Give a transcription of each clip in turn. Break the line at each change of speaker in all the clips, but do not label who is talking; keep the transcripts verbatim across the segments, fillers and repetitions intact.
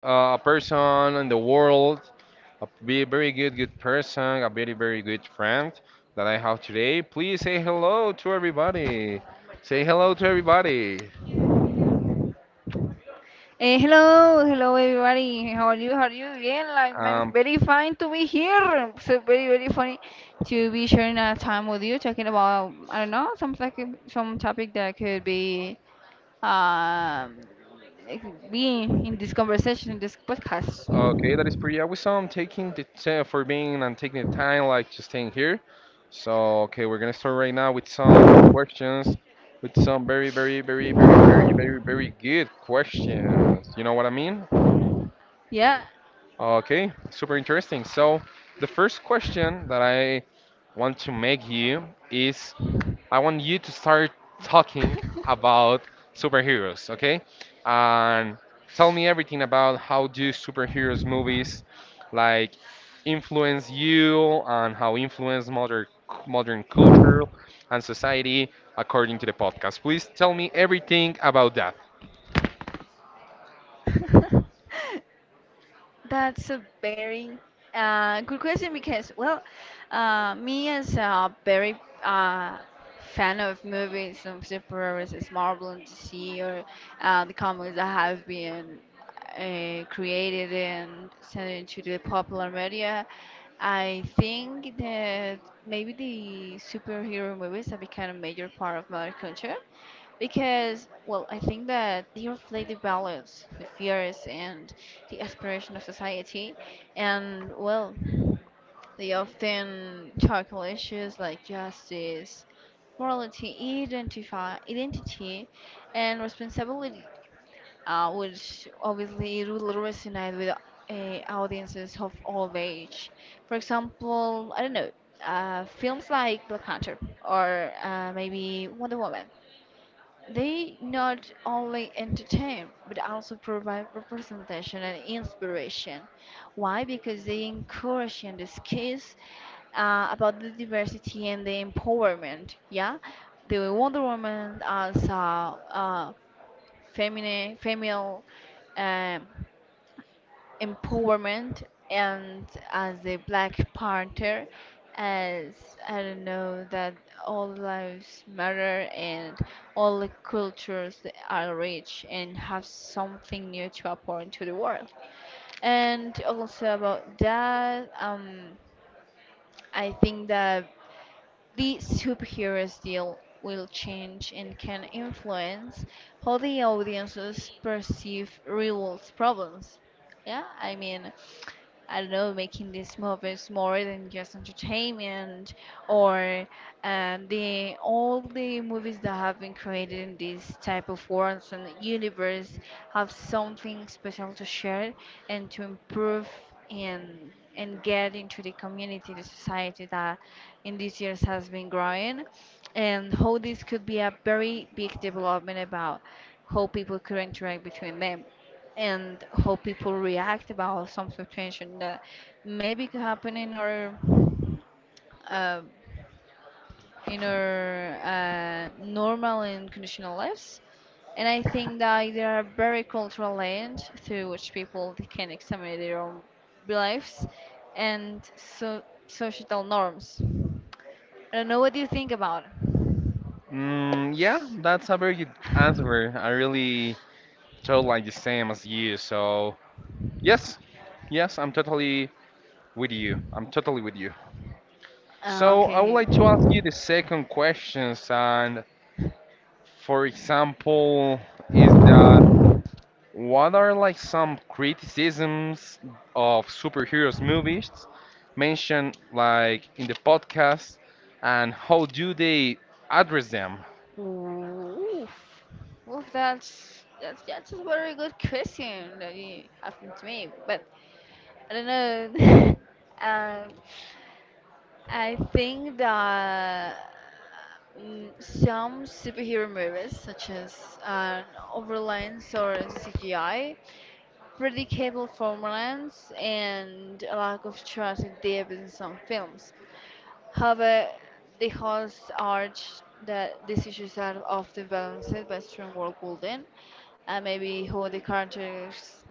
uh, a person in the world, a be- very good, good person, a very, very good friend that I have today. Please say hello to everybody. Say hello to everybody.
Eh, hello, hello everybody. How are you? How are you? Yeah, like, I'm
Um,
very fine to be here. So very, very funny to be sharing a time with you, talking about I don't know, some like some topic that could be um like, be in this conversation in this podcast.
Okay, that is pretty awesome. Taking the ti- for being and taking the time, like just staying here. So, okay, we're gonna start right now with some questions, with some very, very, very, very, very, very, very good questions. You know what I mean?
Yeah.
Okay, super interesting. So, the first question that I want to make you is, I want you to start talking about superheroes, okay? And tell me everything about how do superheroes movies like influence you and how influence modern modern culture and society according to the podcast. Please tell me everything about that.
That's a very uh, good question because, well, uh, me as a very uh, fan of movies of superheroes as Marvel and D C or uh, the comics that have been uh, created and sent into the popular media, I think that maybe the superhero movies have become a major part of modern culture. Because, well, I think that they reflect the values, the fears, and the aspiration of society. And, well, they often tackle issues like justice, morality, identify, identity, and responsibility, uh, which obviously it will resonate with uh, audiences of all age. For example, I don't know, uh, films like Black Panther or uh, maybe Wonder Woman they not only entertain but also provide representation and inspiration. Why? Because they encourage and discuss uh, about the diversity and the empowerment. Yeah, the Wonder Woman as a, a feminine, female. Um, empowerment and as the Black Panther, as I don't know that all lives matter and all the cultures that are rich and have something new to apportion to the world. And also about that, um, I think that the superhero's deal will change and can influence how the audiences perceive real world problems. Yeah, I mean, I don't know, making these movies more than just entertainment, or uh, the all the movies that have been created in this type of worlds and universe have something special to share and to improve and and get into the community, the society that in these years has been growing and how this could be a very big development about how people could interact between them and how people react about some situation that maybe could happen in our uh, in our uh, normal and conditional lives. And I think that there are very cultural lens through which people they can examine their own beliefs and so societal norms. I don't know what do you think about.
Mm, yeah, that's a very good answer. I really feel like the same as you. So yes, yes, I'm totally with you. I'm totally with you.
Ah,
So I would
okay.
like to ask you the second questions and, for example, is that what are like some criticisms of superheroes movies mentioned like in the podcast and how do they address them?
Oof. Oof, that's that's that's a very good question that you happened to me. But I don't know. um, I think that mm, some superhero movies, such as uh, overlines or C G I, predictable formulans, and a lack of trust and depth in some films. However, the hosts urge that these issues are often balanced by strong world building and maybe who the characters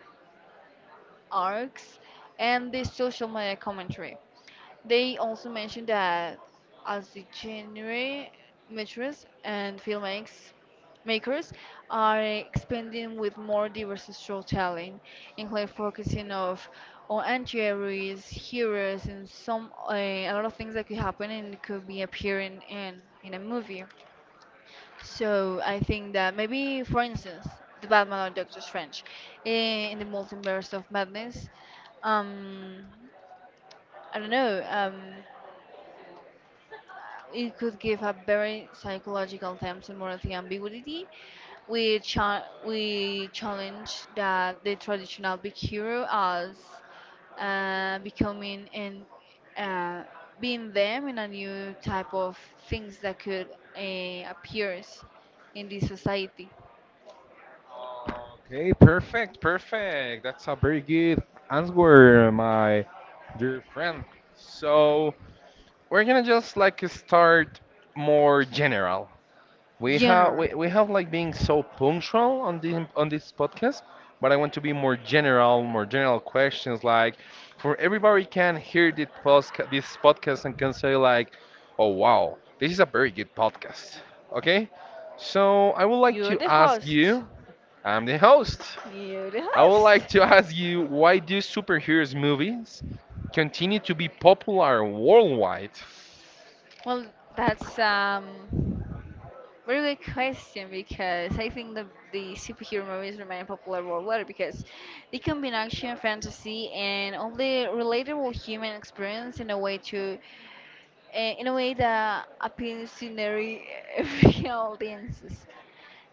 arcs and the social media commentary. They also mentioned that as the genre makers and filmmakers makers are expanding with more diverse storytelling, including focusing of on anti-heroes, heroes, and some uh, a lot of things that could happen and could be appearing in in a movie. So I think that maybe, for instance, the Batman or Doctor Strange eh, in the multiverse of madness. Um, I don't know. Um, it could give a very psychological terms and morality ambiguity. We cha- we challenge that the traditional big hero as uh, becoming and uh, being them in a new type of things that could uh, appears in this society.
Okay, perfect, perfect. That's a very good answer, my dear friend. So we're gonna just like start more general. We have
Genre.
we, we have like being so punctual on the on this podcast, but I want to be more general, more general questions like for everybody can hear this podcast this podcast and can say like, oh wow, this is a very good podcast. Okay? So I would like
You're
to
the
ask
host.
you, I'm the host.
You're the
I would like
host.
to ask you, why do superheroes movies continue to be popular worldwide?
Well, that's um, very good question because I think the the superhero movies remain popular worldwide because they combine action, fantasy, and all the relatable human experience in a way to eh, in a way that appeals to nearly every audiences.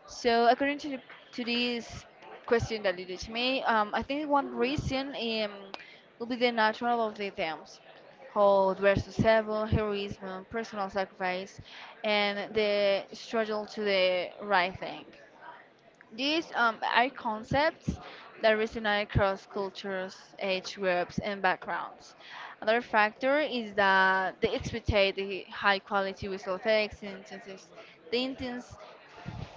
So according to to this question that you did to me, um, I think one reason um, will be the natural of the themes, hold versus evil, heroism, personal sacrifice, and the struggle to the right thing. These um, are concepts that resonate across cultures, age groups, and backgrounds. Another factor is that they expectate the high quality visual effects, intense, the intense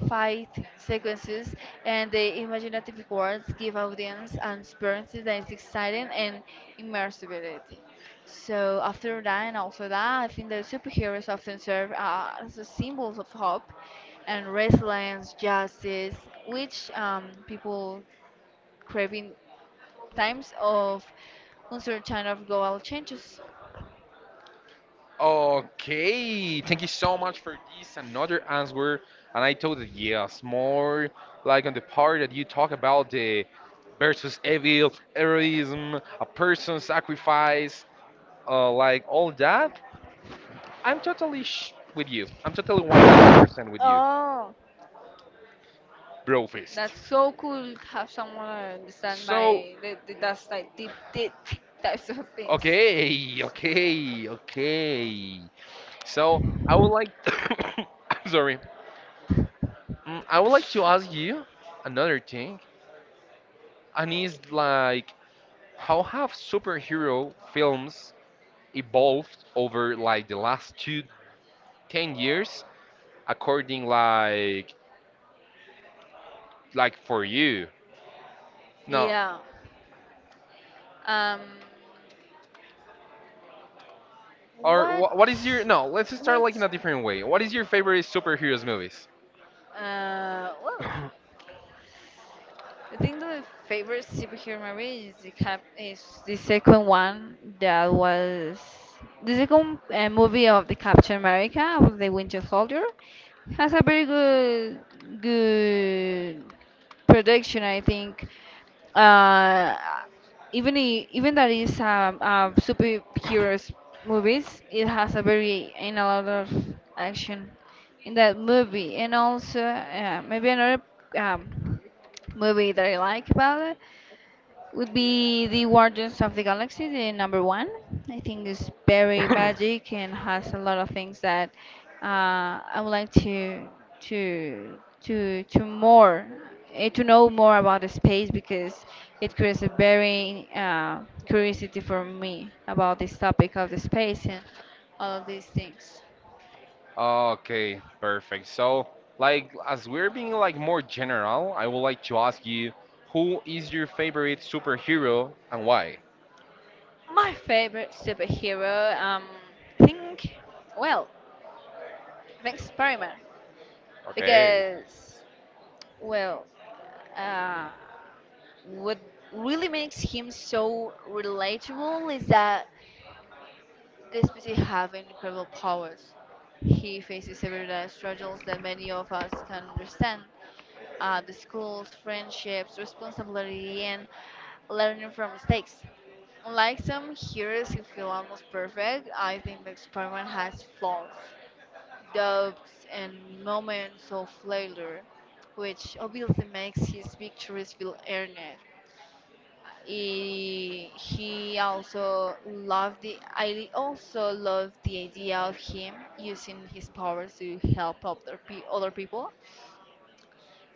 fight sequences, and the imaginative words give audience an experience that is exciting and immersibility. So after that and also that, I think that superheroes often serve uh, as a symbols of hope and resilience, justice, which um, people crave in times of uncertain of global changes.
Okay, thank you so much for this another answer. And I thought that yes, more like on the part that you talk about the versus evil, heroism, a person sacrifice, uh, like all that. I'm totally sh- with you. I'm totally one hundred percent with you,
Oh,
bro fist.
that's so cool to have someone uh, understand
So
my the, the, that's like deep, deep types of things.
okay, okay, okay. So I would like, I'm sorry. Mm, I would like to ask you another thing, and it's like, how have superhero films evolved over like the last two ten years according like like for you, no,
Yeah. Um,
or
what?
wh- what is your, no, let's just start
What?
like in a different way. What is your favorite superheroes movies?
呃，我 I think the favorite superhero movie is the cap is the second one that was the second uh, movie of the Captain America of the Winter Soldier has a very good good production I think, uh, even I- even that is um, uh, superheroes movies it has a very and a lot of action in that movie and also uh, maybe another um, movie that I like about it would be The Guardians of the Galaxy, the number one. I think it's very magic and has a lot of things that uh, I would like to to to to more eh, to know more about the space because it creates a very uh, curiosity for me about this topic of the space and all of these things.
Okay, perfect. So, like, as we're being like more general, I would like to ask you, who is your favorite superhero and why?
My favorite superhero, um, I think, well, thanks, Spider-Man.
Okay.
Because well, uh, what really makes him so relatable is that despite he having incredible powers he faces everyday struggles that many of us can understand, uh, the schools friendships responsibility and learning from mistakes, unlike some heroes who feel almost perfect. I think the experiment has flaws, doubts, and moments of failure, which obviously makes his victories feel earned. He, he also loved the I also loved the idea of him using his powers to help other pe- other people.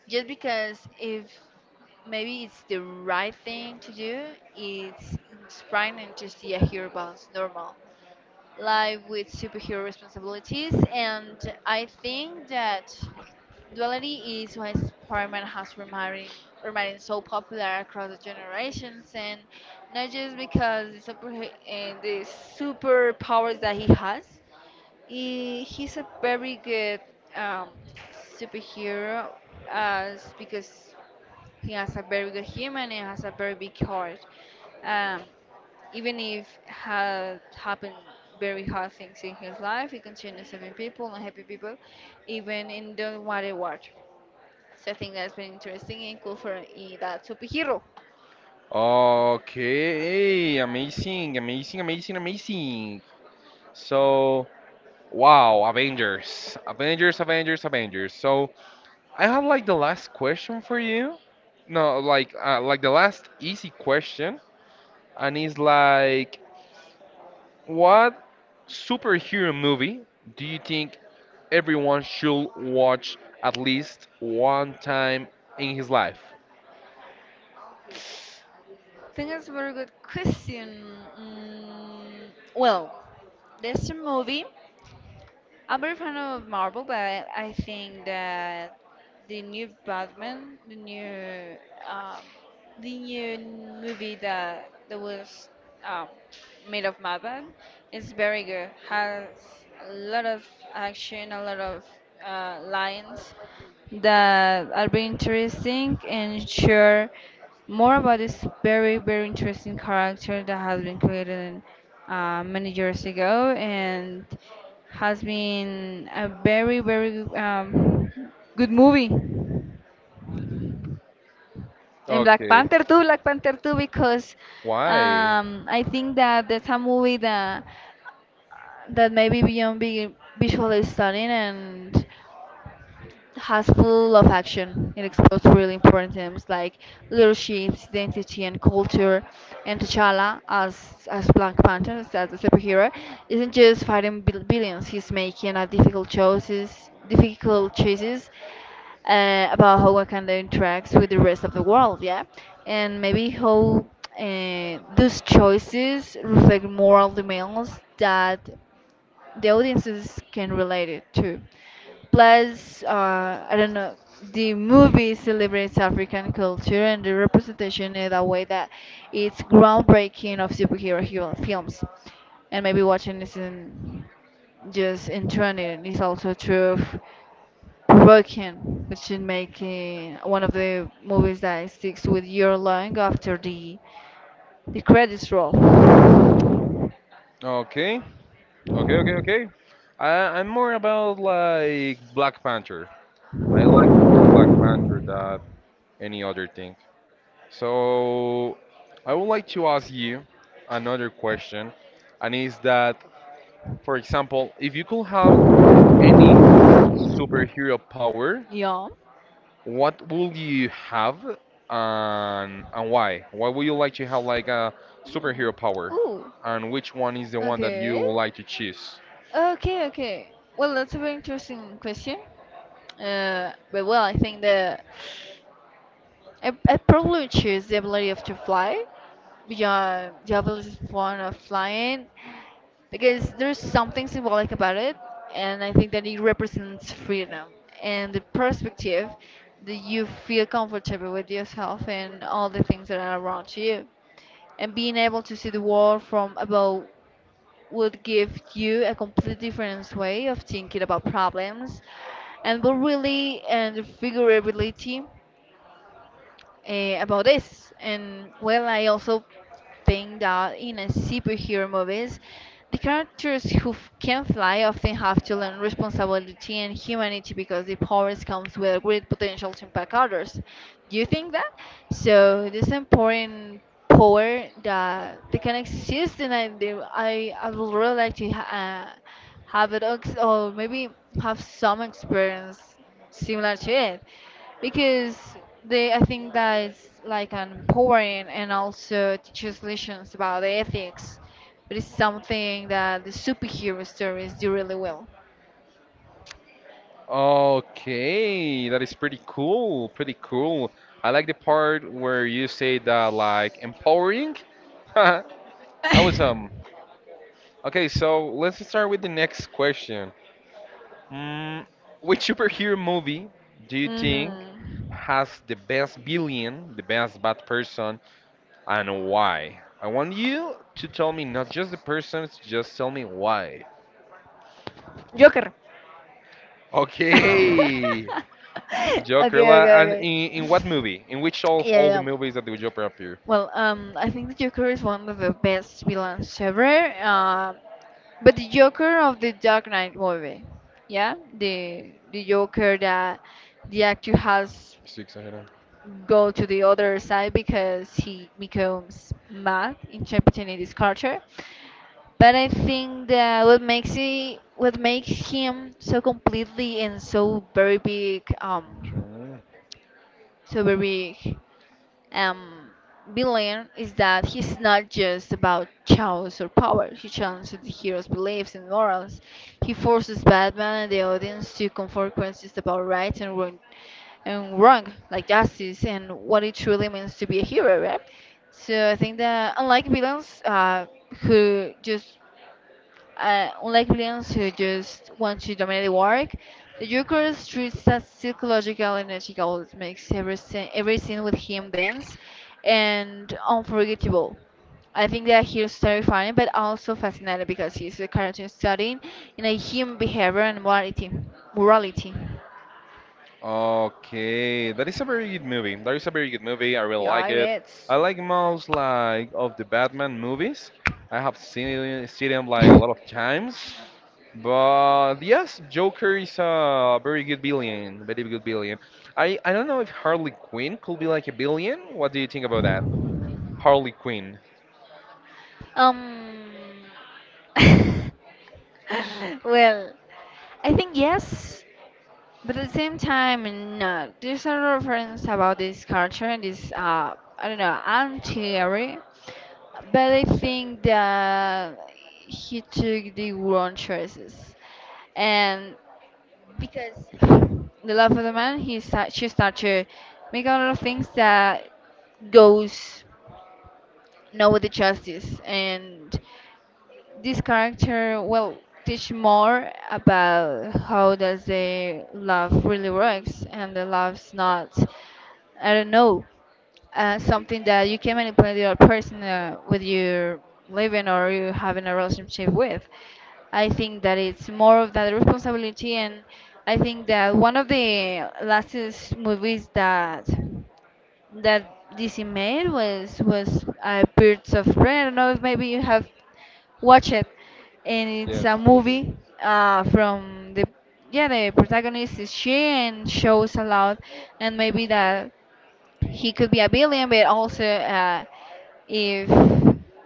Just because if maybe it's the right thing to do, it's inspiring to see a hero balance normal life with superhero responsibilities, and I think that. Duality is why Spider-Man has remained, remained so popular across the generations, and not just because the super and the superpowers that he has. He, he's a very good um, superhero, as because he has a very good human and has a very big heart. Um, even if had happened very hard things in his life, he continues saving people and happy people, even in the matter what. So I think that's been interesting and cool for I- that superhero.
Okay, hey, amazing, amazing, amazing, amazing. So, wow, Avengers, Avengers, Avengers, Avengers. So, I have like the last question for you. No, like uh, like the last easy question, and it's like, what superhero movie do you think everyone should watch at least one time in his life?
I think that's a very good question. Mm, well, there's a movie. I'm very fan of Marvel, but I think that the new Batman, the new um, the new movie that that was um, made of Batman is very good. Has a lot of action, a lot of uh, lines that are very interesting and share more about this very very interesting character that has been created uh, many years ago and has been a very very um, good movie. And Black
Okay.
Panther too, Black Panther too, because
Why?
um, I think that that's a movie that that maybe beyond being visually stunning and has full of action. It explores really important themes like leadership, identity, and culture. And T'Challa, as as Black Panther, as a superhero, isn't just fighting bill- billions. He's making a difficult choices, difficult choices uh, about how one can interact with the rest of the world, yeah, and maybe how uh, those choices reflect moral demands that the audiences can relate it to. Plus, uh, I don't know, the movie celebrates African culture and the representation in a way that it's groundbreaking of superhero hero films. And maybe watching this in just in training is also true. Broken, which is making one of the movies that sticks with your long after the the credits roll.
Okay. Okay, okay, okay. I, I'm more about like Black Panther. I like more Black Panther than any other thing. So I would like to ask you another question, and is that, for example, if you could have any superhero power,
Yeah.
what would you have and and why? Why would you like to have like a superhero power?
Ooh,
And which one is the one that you
okay.
would like to choose?
Okay, okay. Well, that's a very interesting question. Uh, but well, I think that I, I probably choose the ability of to fly. Yeah, the ability is one of flying. Because there's something symbolic about it and I think that it represents freedom and the perspective that you feel comfortable with yourself and all the things that are around you and being able to see the world from above would give you a completely different way of thinking about problems and will really and figure ability uh, about this. And well, I also think that in a superhero movies, the characters who f- can fly often have to learn responsibility and humanity because the powers comes with a great potential to impact others. Do you think that? So this important power that they can exist, and I do, I I would really like to ha- uh, have it, ex- or maybe have some experience similar to it because they I think that it's like an empowering and also teaches lessons about ethics. But it's something that the superhero stories do really well.
Okay, that is pretty cool. Pretty cool. I like the part where you say that like empowering. Awesome. Okay, so let's start with the next question. Mm, which superhero movie do you
hmm
think has the best villain, the best bad person, and why? I want you to tell me not just the persons, just tell me why.
Joker.
Okay.
okay,
Joker.
okay,
La- and
okay.
in, in what movie? In which of
Yeah,
all the
yeah.
movies that the Joker appear?
Well, um, I think the Joker is one of the best villains ever. Uh, but the Joker of the Dark Knight movie, yeah, the the Joker that the actor has
Six ahead. Of-
go to the other side because he becomes mad in Japanese culture. But I think that what makes it what makes him so completely and so very big, um, so very big um, villain is that he's not just about chaos or power. He challenges the hero's beliefs and morals. He forces Batman and the audience to confront questions about right and wrong, and wrong, like justice and what it truly means to be a hero, right? So I think that unlike villains uh, who just uh, unlike villains who just want to dominate the work. The Joker treats that psychological energy goals makes every scene, every scene with him dense and unforgettable. I think that he's terrifying but also fascinating because he's a character studying in a human behavior and morality. Morality.
Okay, that is a very good movie. That is a very good movie. I really
Yeah,
like it.
it
I
is.
like most like of the Batman movies. I have seen it, seen them like a lot of times. But yes, Joker is a very good billion, very good billion. I I don't know if Harley Quinn could be like a billion. What do you think about that? Harley Quinn.
um. well, I think yes. But at the same time, no, there's a lot of reference about this culture and this, uh, I don't know, I'm theory, but I think that he took the wrong choices. And because the love of the man, he start, she started to make a lot of things that goes no with the justice. And this character will teach more about how does the love really works, and the love's not, I don't know, uh, something that you can manipulate the other person, uh, with your living or you having a relationship with. I think that it's more of that responsibility. And I think that one of the lastest movies that that D C made was was uh, Birds of Prey. I don't know if maybe you have watch it, and it's
Yes,
a
yes, yes,
movie
yes.
uh, from the, yeah, the protagonist is she and shows a lot. And maybe that he could be a billion, but also, uh, if,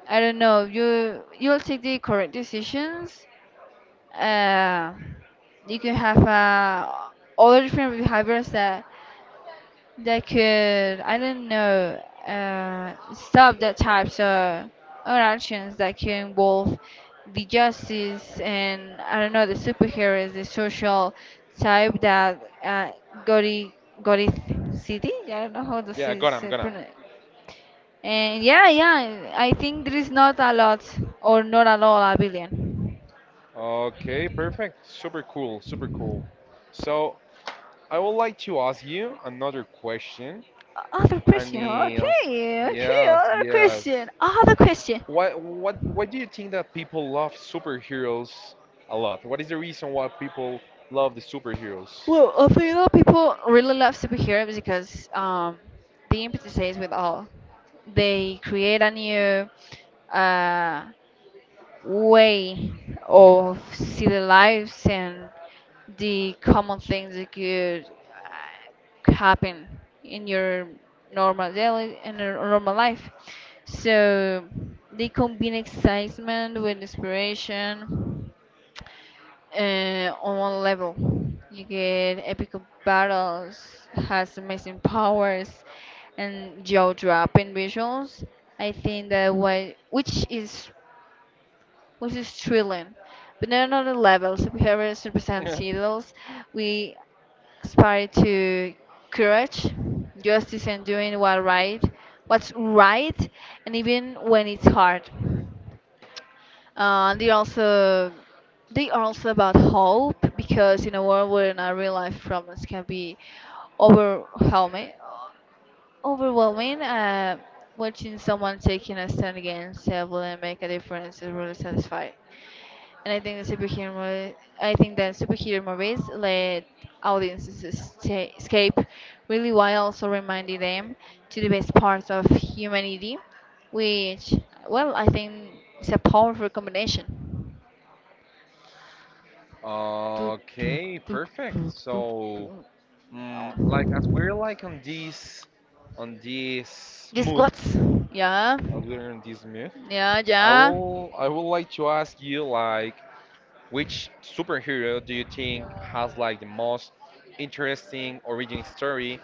I don't know, you you'll take the correct decisions. Uh, you can have uh, all different behaviors that they could, I don't know, uh, stop the types of or actions that can involve the justice, and I don't know, the superheroes, the social type that uh, Gori Gori City. I don't know how this
Yeah,
is
Gotham,
uh,
Gotham.
pronounced. And yeah, yeah, I think there is not a lot or not at all a billion.
Okay, perfect. Super cool, super cool. So I would like to ask you another question.
Other
And
question.
yes,
Okay, okay.
yes,
Other
yes.
question. Other question.
What what why do you think that people love superheroes a lot? What is the reason why people love the superheroes?
Well, I think that people really love superheroes because um, they empathize with all. They create a new, uh, way of see the lives and the common things that could uh, happen in your normal daily in your normal life. So they combine excitement with inspiration uh, on one level. You get epic battles, has amazing powers, and jaw-dropping visuals. I think that what which is which is thrilling, but not on the levels. We have represent heroes. We aspire to courage, justice, and doing what right, what's right, and even when it's hard. Uh, they also, they are also about hope, because in a world where our real life problems can be overwhelming, overwhelming. Uh, watching someone taking a stand against evil and make a difference is really satisfying. And I think the superhero, mo- I think that superhero movies let audiences esca- escape really while also reminding them to the best parts of humanity, which, well, I think is a powerful combination. Tuk, tuk,
Okay,
tuk,
perfect.
tuk, tuk,
So,
tuk.
mm, like, as we're like on this on this
This
mood,
what's? Yeah,
as we are in this myth,
yeah,
I
yeah.
will I would like to ask you, like, which superhero do you think has like the most interesting origin story,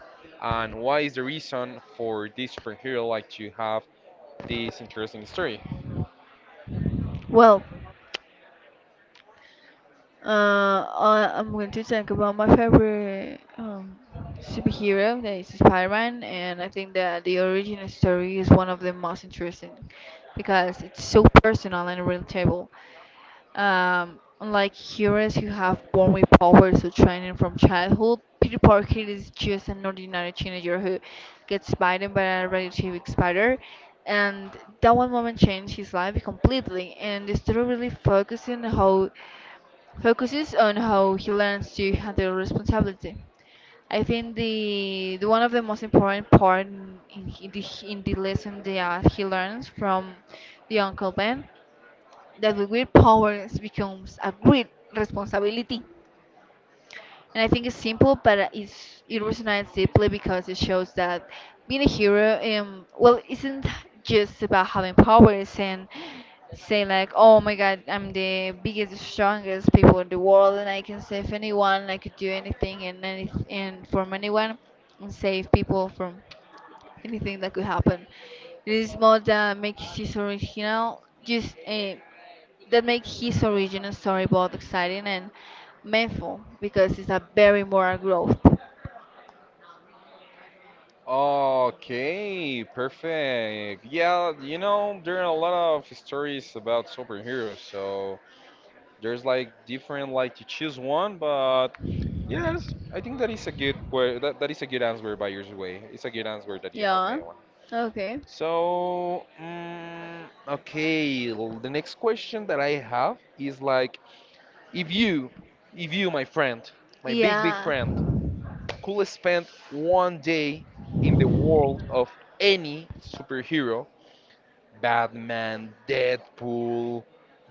and what is the reason for this superhero like to have this interesting story?
Well, uh, I, I'm going to talk about my favorite um, superhero, that is Spider-Man, and I think that the origin story is one of the most interesting because it's so personal and relatable. Um, unlike heroes who have born with powers or training from childhood, Peter Parker is just an ordinary teenager who gets bitten by a radioactive spider, and that one moment changed his life completely. And the story really focuses on how focuses on how he learns to handle responsibility. I think the, the one of the most important part in, in, the, in the lesson that he learns from the Uncle Ben, that with great powers becomes a great responsibility. And I think it's simple, but it's, it resonates deeply because it shows that being a hero, um, well, isn't just about having powers and say like, oh my god, I'm the biggest, strongest people in the world, and I can save anyone, I could do anything and anything and from anyone, and save people from anything that could happen. It is more that makes his original just uh, that makes his original story both exciting and meaningful because it's a very moral growth.
Okay, perfect. Yeah, you know, there are a lot of stories about superheroes, so there's like different like to choose one, but yes, I think that is a good que- that, that is a good answer by your way. It's a good answer that you have
Yeah.
made one.
Okay.
So, mm, okay, l- the next question that I have is like, if you, if you, my friend, my big big
Yeah.
friend, could spend one day in the world of any superhero, Batman, Deadpool,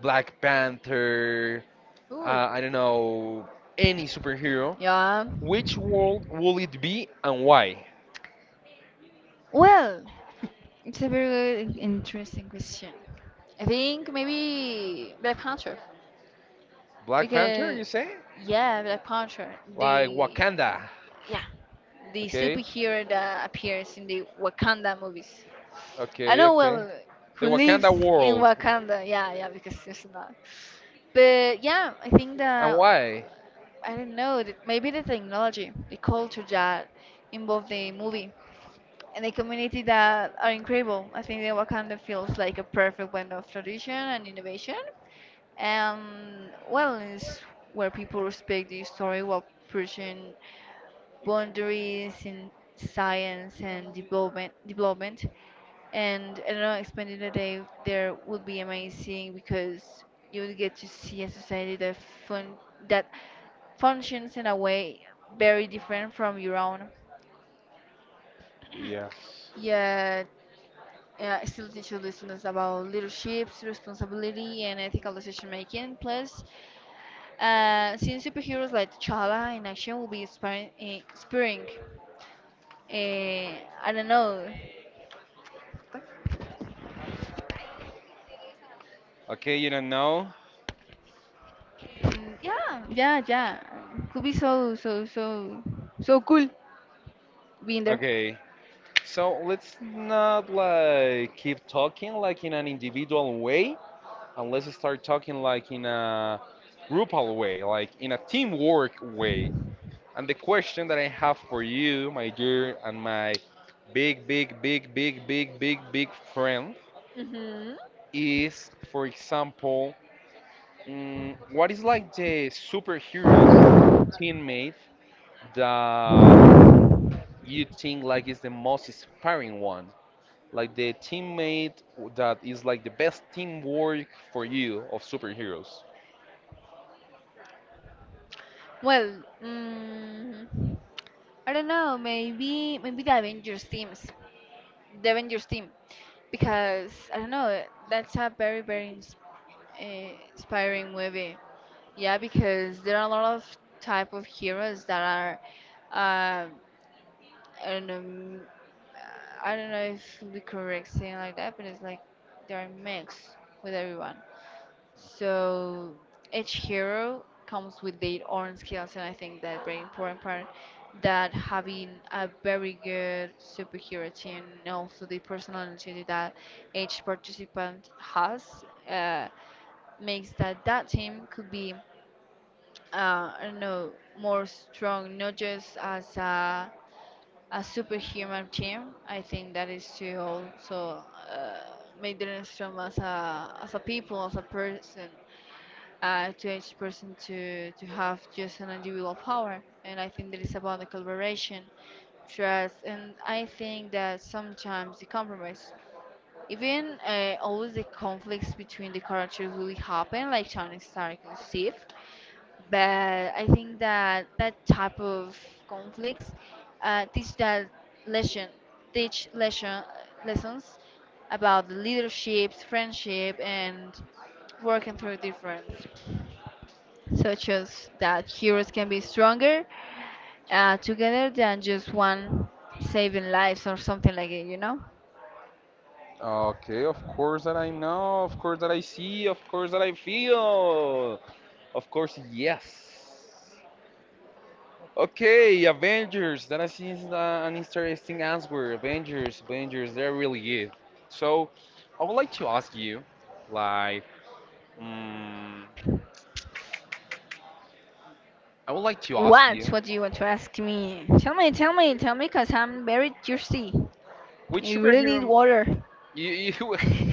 Black Panther,
Ooh.
uh, I don't know, any superhero,
Yeah.
which world will it be and why?
Well, it's a very good, interesting question. I think maybe Black Panther
Black Panther,
because,
you say?
yeah, Black Panther.
Like
The,
Wakanda.
yeah, the
Okay,
superhero that appears in the Wakanda movies. I
okay,
know,
okay.
well,
The
who lives
Wakanda
in
world.
Wakanda. Yeah, yeah, because it's not. But yeah, I think
And
that,
why?
I don't know, that maybe the technology, the culture that involved the movie, and the community that are incredible. I think that Wakanda feels like a perfect blend of tradition and innovation. And, well, it's where people respect the story while pursuing boundaries in science and development development. And I don't know, spending a day there would be amazing because you would get to see a society that fun that functions in a way very different from your own.
Yes.
Yeah, uh, I still teach your listeners about leadership, responsibility, and ethical decision making. Plus, uh, seeing superheroes like T'Challa in action will be inspiring. inspiring. Uh, I don't know.
Okay, you don't know?
Mm, yeah. Yeah, yeah. Could be so, so, so, so cool being there.
Okay. So let's not like keep talking like in an individual way, and let's start talking like in a groupal way, like in a teamwork way. And the question that I have for you, my dear and my big, big, big, big, big, big, big friend,
Hmm.
is, for example, mm, what is like the superhero teammate that you think like is the most inspiring one? Like the teammate that is like the best teamwork for you of superheroes.
Well, mm, I don't know. Maybe, maybe the Avengers teams, the Avengers team, because I don't know. That's a very, very ins- uh, inspiring movie. Yeah, because there are a lot of type of heroes that are. Uh, and um, I don't know if the correct saying like that, but it's like they are mixed with everyone. So each hero comes with their own skills, and I think that very important part that having a very good superhero team. And also the personality that each participant has, uh, makes that that team could be, uh, I don't know, more strong, not just as a a superhuman team. I think that is to also, uh, make them strong as a, as a people, as a person, uh, to each person to to have just an individual power. And I think that is about the collaboration, trust, and I think that sometimes the compromise. Even, uh, always the conflicts between the characters really happen, like Tony Stark and Steve. But I think that that type of conflicts, uh, teach that lesson, teach lesson lessons about leadership, friendship, and working through difference, such as that heroes can be stronger, uh, together than just one saving lives or something like it, you know?
Okay, of course that I know, of course that I see, of course that I feel. Of course, yes. Okay, Avengers. That is uh, an interesting answer. Avengers, Avengers. They're really good. So, I would like to ask you, like, mm, I would like to ask
What?
you,
What do you want to ask me? Tell me, tell me, tell me, cause I'm very thirsty.
which
You really need
superhero,
water.
you, you,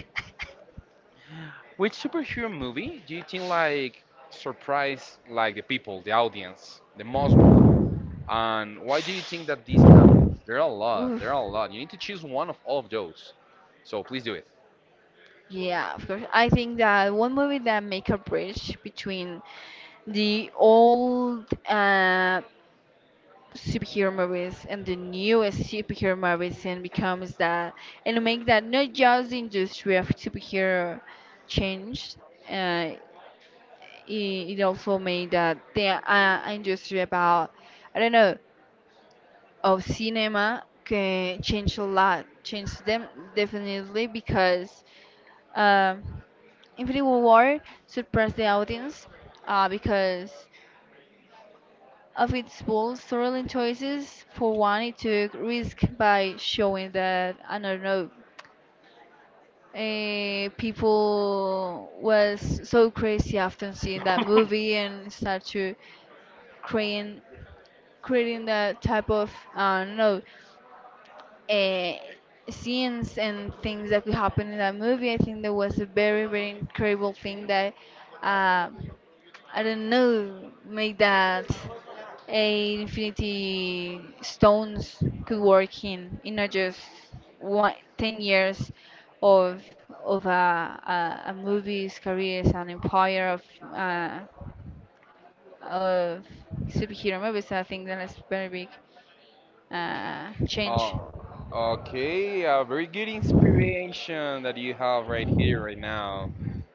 which superhero movie do you think like surprised like the people, the audience, the most one? And why do you think that these? There are a lot.
Oof.
There are a lot. You need to choose one of all of those. So please do it.
Yeah, of course. I think that one movie that make a bridge between the old, uh, superhero movies and the newest superhero movies and becomes that and make that not just the industry of superhero changed. Uh, it, it also made that the, uh, industry about, I don't know, of cinema can change a lot, changed them definitely because, um, Infinity War surprised the audience, uh, because of its bold storyline choices. For one, it took risk by showing that, I don't know. Uh, people was so crazy after seeing that movie and start to crying creating that type of, I don't know, uh, scenes and things that could happen in that movie. I think that was a very very incredible thing that, uh, I don't know, make that a Infinity Stones could work in, in not just one, ten years of, of a, a, a movie's career as an empire of, uh, of superhero movies. So I think that is very big, uh, change.
Oh, okay. A very good inspiration that you have right here, right now.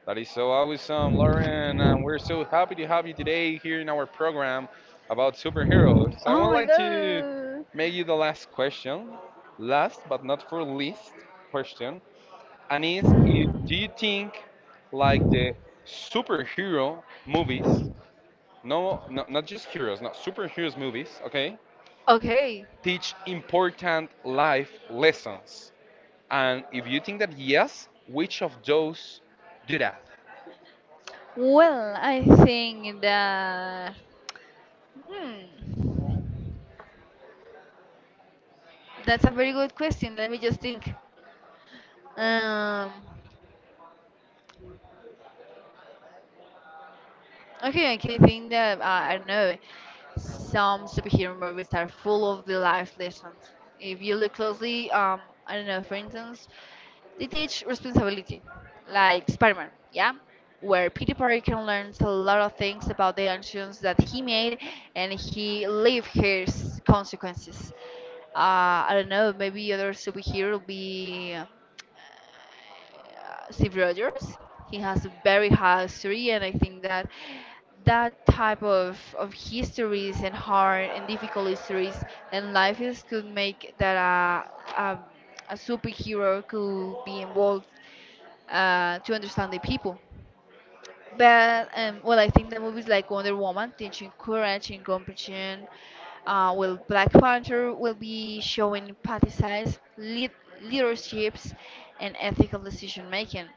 That is so awesome, Lauren. And we're so happy to have you today here in our program about superheroes. I
Oh
would
my
like to
god.
make you the last question, last but not for least question, and is, if do you think like the superhero movies, no, no, not just heroes, not superheroes movies, okay,
Okay.
teach important life lessons? And if you think that yes, which of those do that?
Well, I think that, hmm, that's a very good question. Let me just think. Um, Okay, I can think that, uh, I don't know. Some superhero movies are full of the life lessons. If you look closely, um, I don't know. For instance, they teach responsibility, like Spider-Man, yeah, where Peter Parker learns a lot of things about the actions that he made, and he live his consequences. Uh, I don't know. Maybe other superhero will be Steve Rogers. He has a very high history, and I think that that type of, of histories and hard and difficult histories and life is could make that a, a, a superhero could be involved, uh, to understand the people. But, um, well, I think the movies like Wonder Woman, teaching courage and compassion, uh, well, Black Panther will be showing party lead leaderships, and ethical decision making.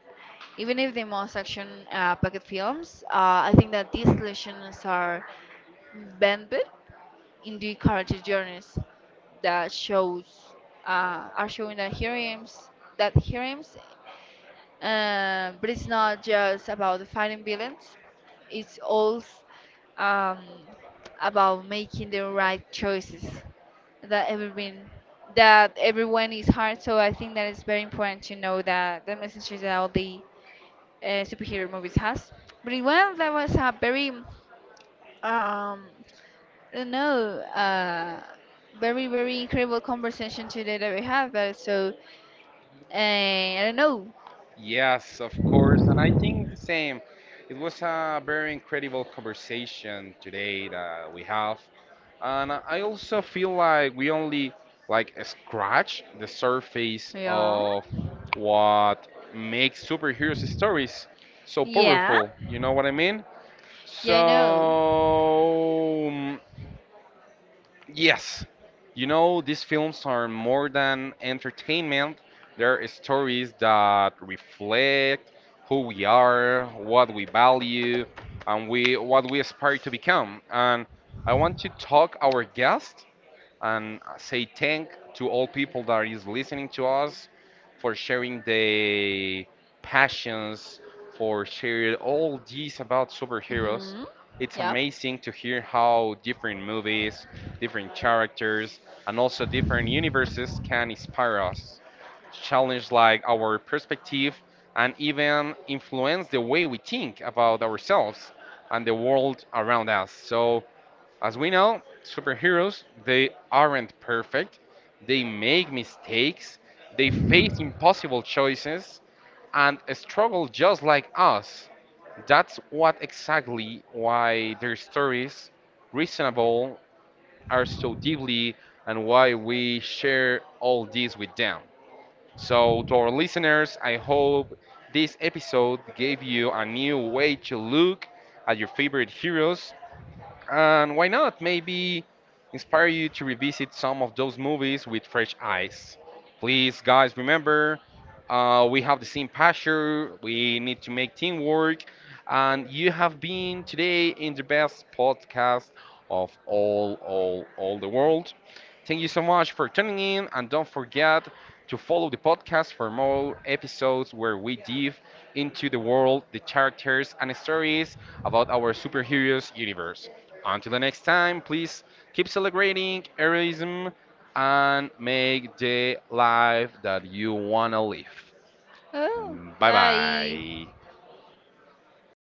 Even if the most action, uh, packed films, uh, I think that these lessons are embedded in the character journeys that shows, uh, are showing that heroines that heroines, uh, but it's not just about fighting villains. It's also, um, about making the right choices. That everyone that everyone is hard. So I think that it's very important to know that the messages that all the, uh, superhero movies has. But it, well, that was a very, um, I don't know, uh, very very incredible conversation today that we have. Uh, so, uh, I don't know.
Yes, of course. And I think the same. It was a very incredible conversation today that we have. And I also feel like we only like scratch the surface
Yeah.
of what makes superheroes stories so
Yeah.
powerful. You know what I mean? So
Yeah, I know.
mm, yes. You know, these films are more than entertainment. They're stories that reflect who we are, what we value, and we what we aspire to become. And I want to talk our guest and say thank to all people that is listening to us for sharing their passions, for sharing all these about superheroes.
Mhm.
It's
Yep.
amazing to hear how different movies, different characters, and also different universes can inspire us, challenge like our perspective, and even influence the way we think about ourselves and the world around us. So as we know, superheroes, they aren't perfect. They make mistakes, they face impossible choices, and struggle just like us. That's what exactly why their stories, reasonable, are so deeply and why we share all this with them. So, to our listeners, I hope this episode gave you a new way to look at your favorite heroes, and why not? Maybe inspire you to revisit some of those movies with fresh eyes. Please, guys, remember uh, we have the same passion, we need to make teamwork, and you have been today in the best podcast of all, all, all the world. Thank you so much for tuning in, and don't forget to follow the podcast for more episodes where we dive into the world, the characters, and stories about our superheroes universe. Until the next time, please keep celebrating heroism and make the life that you want to live.
Oh,
Bye
bye.
bye.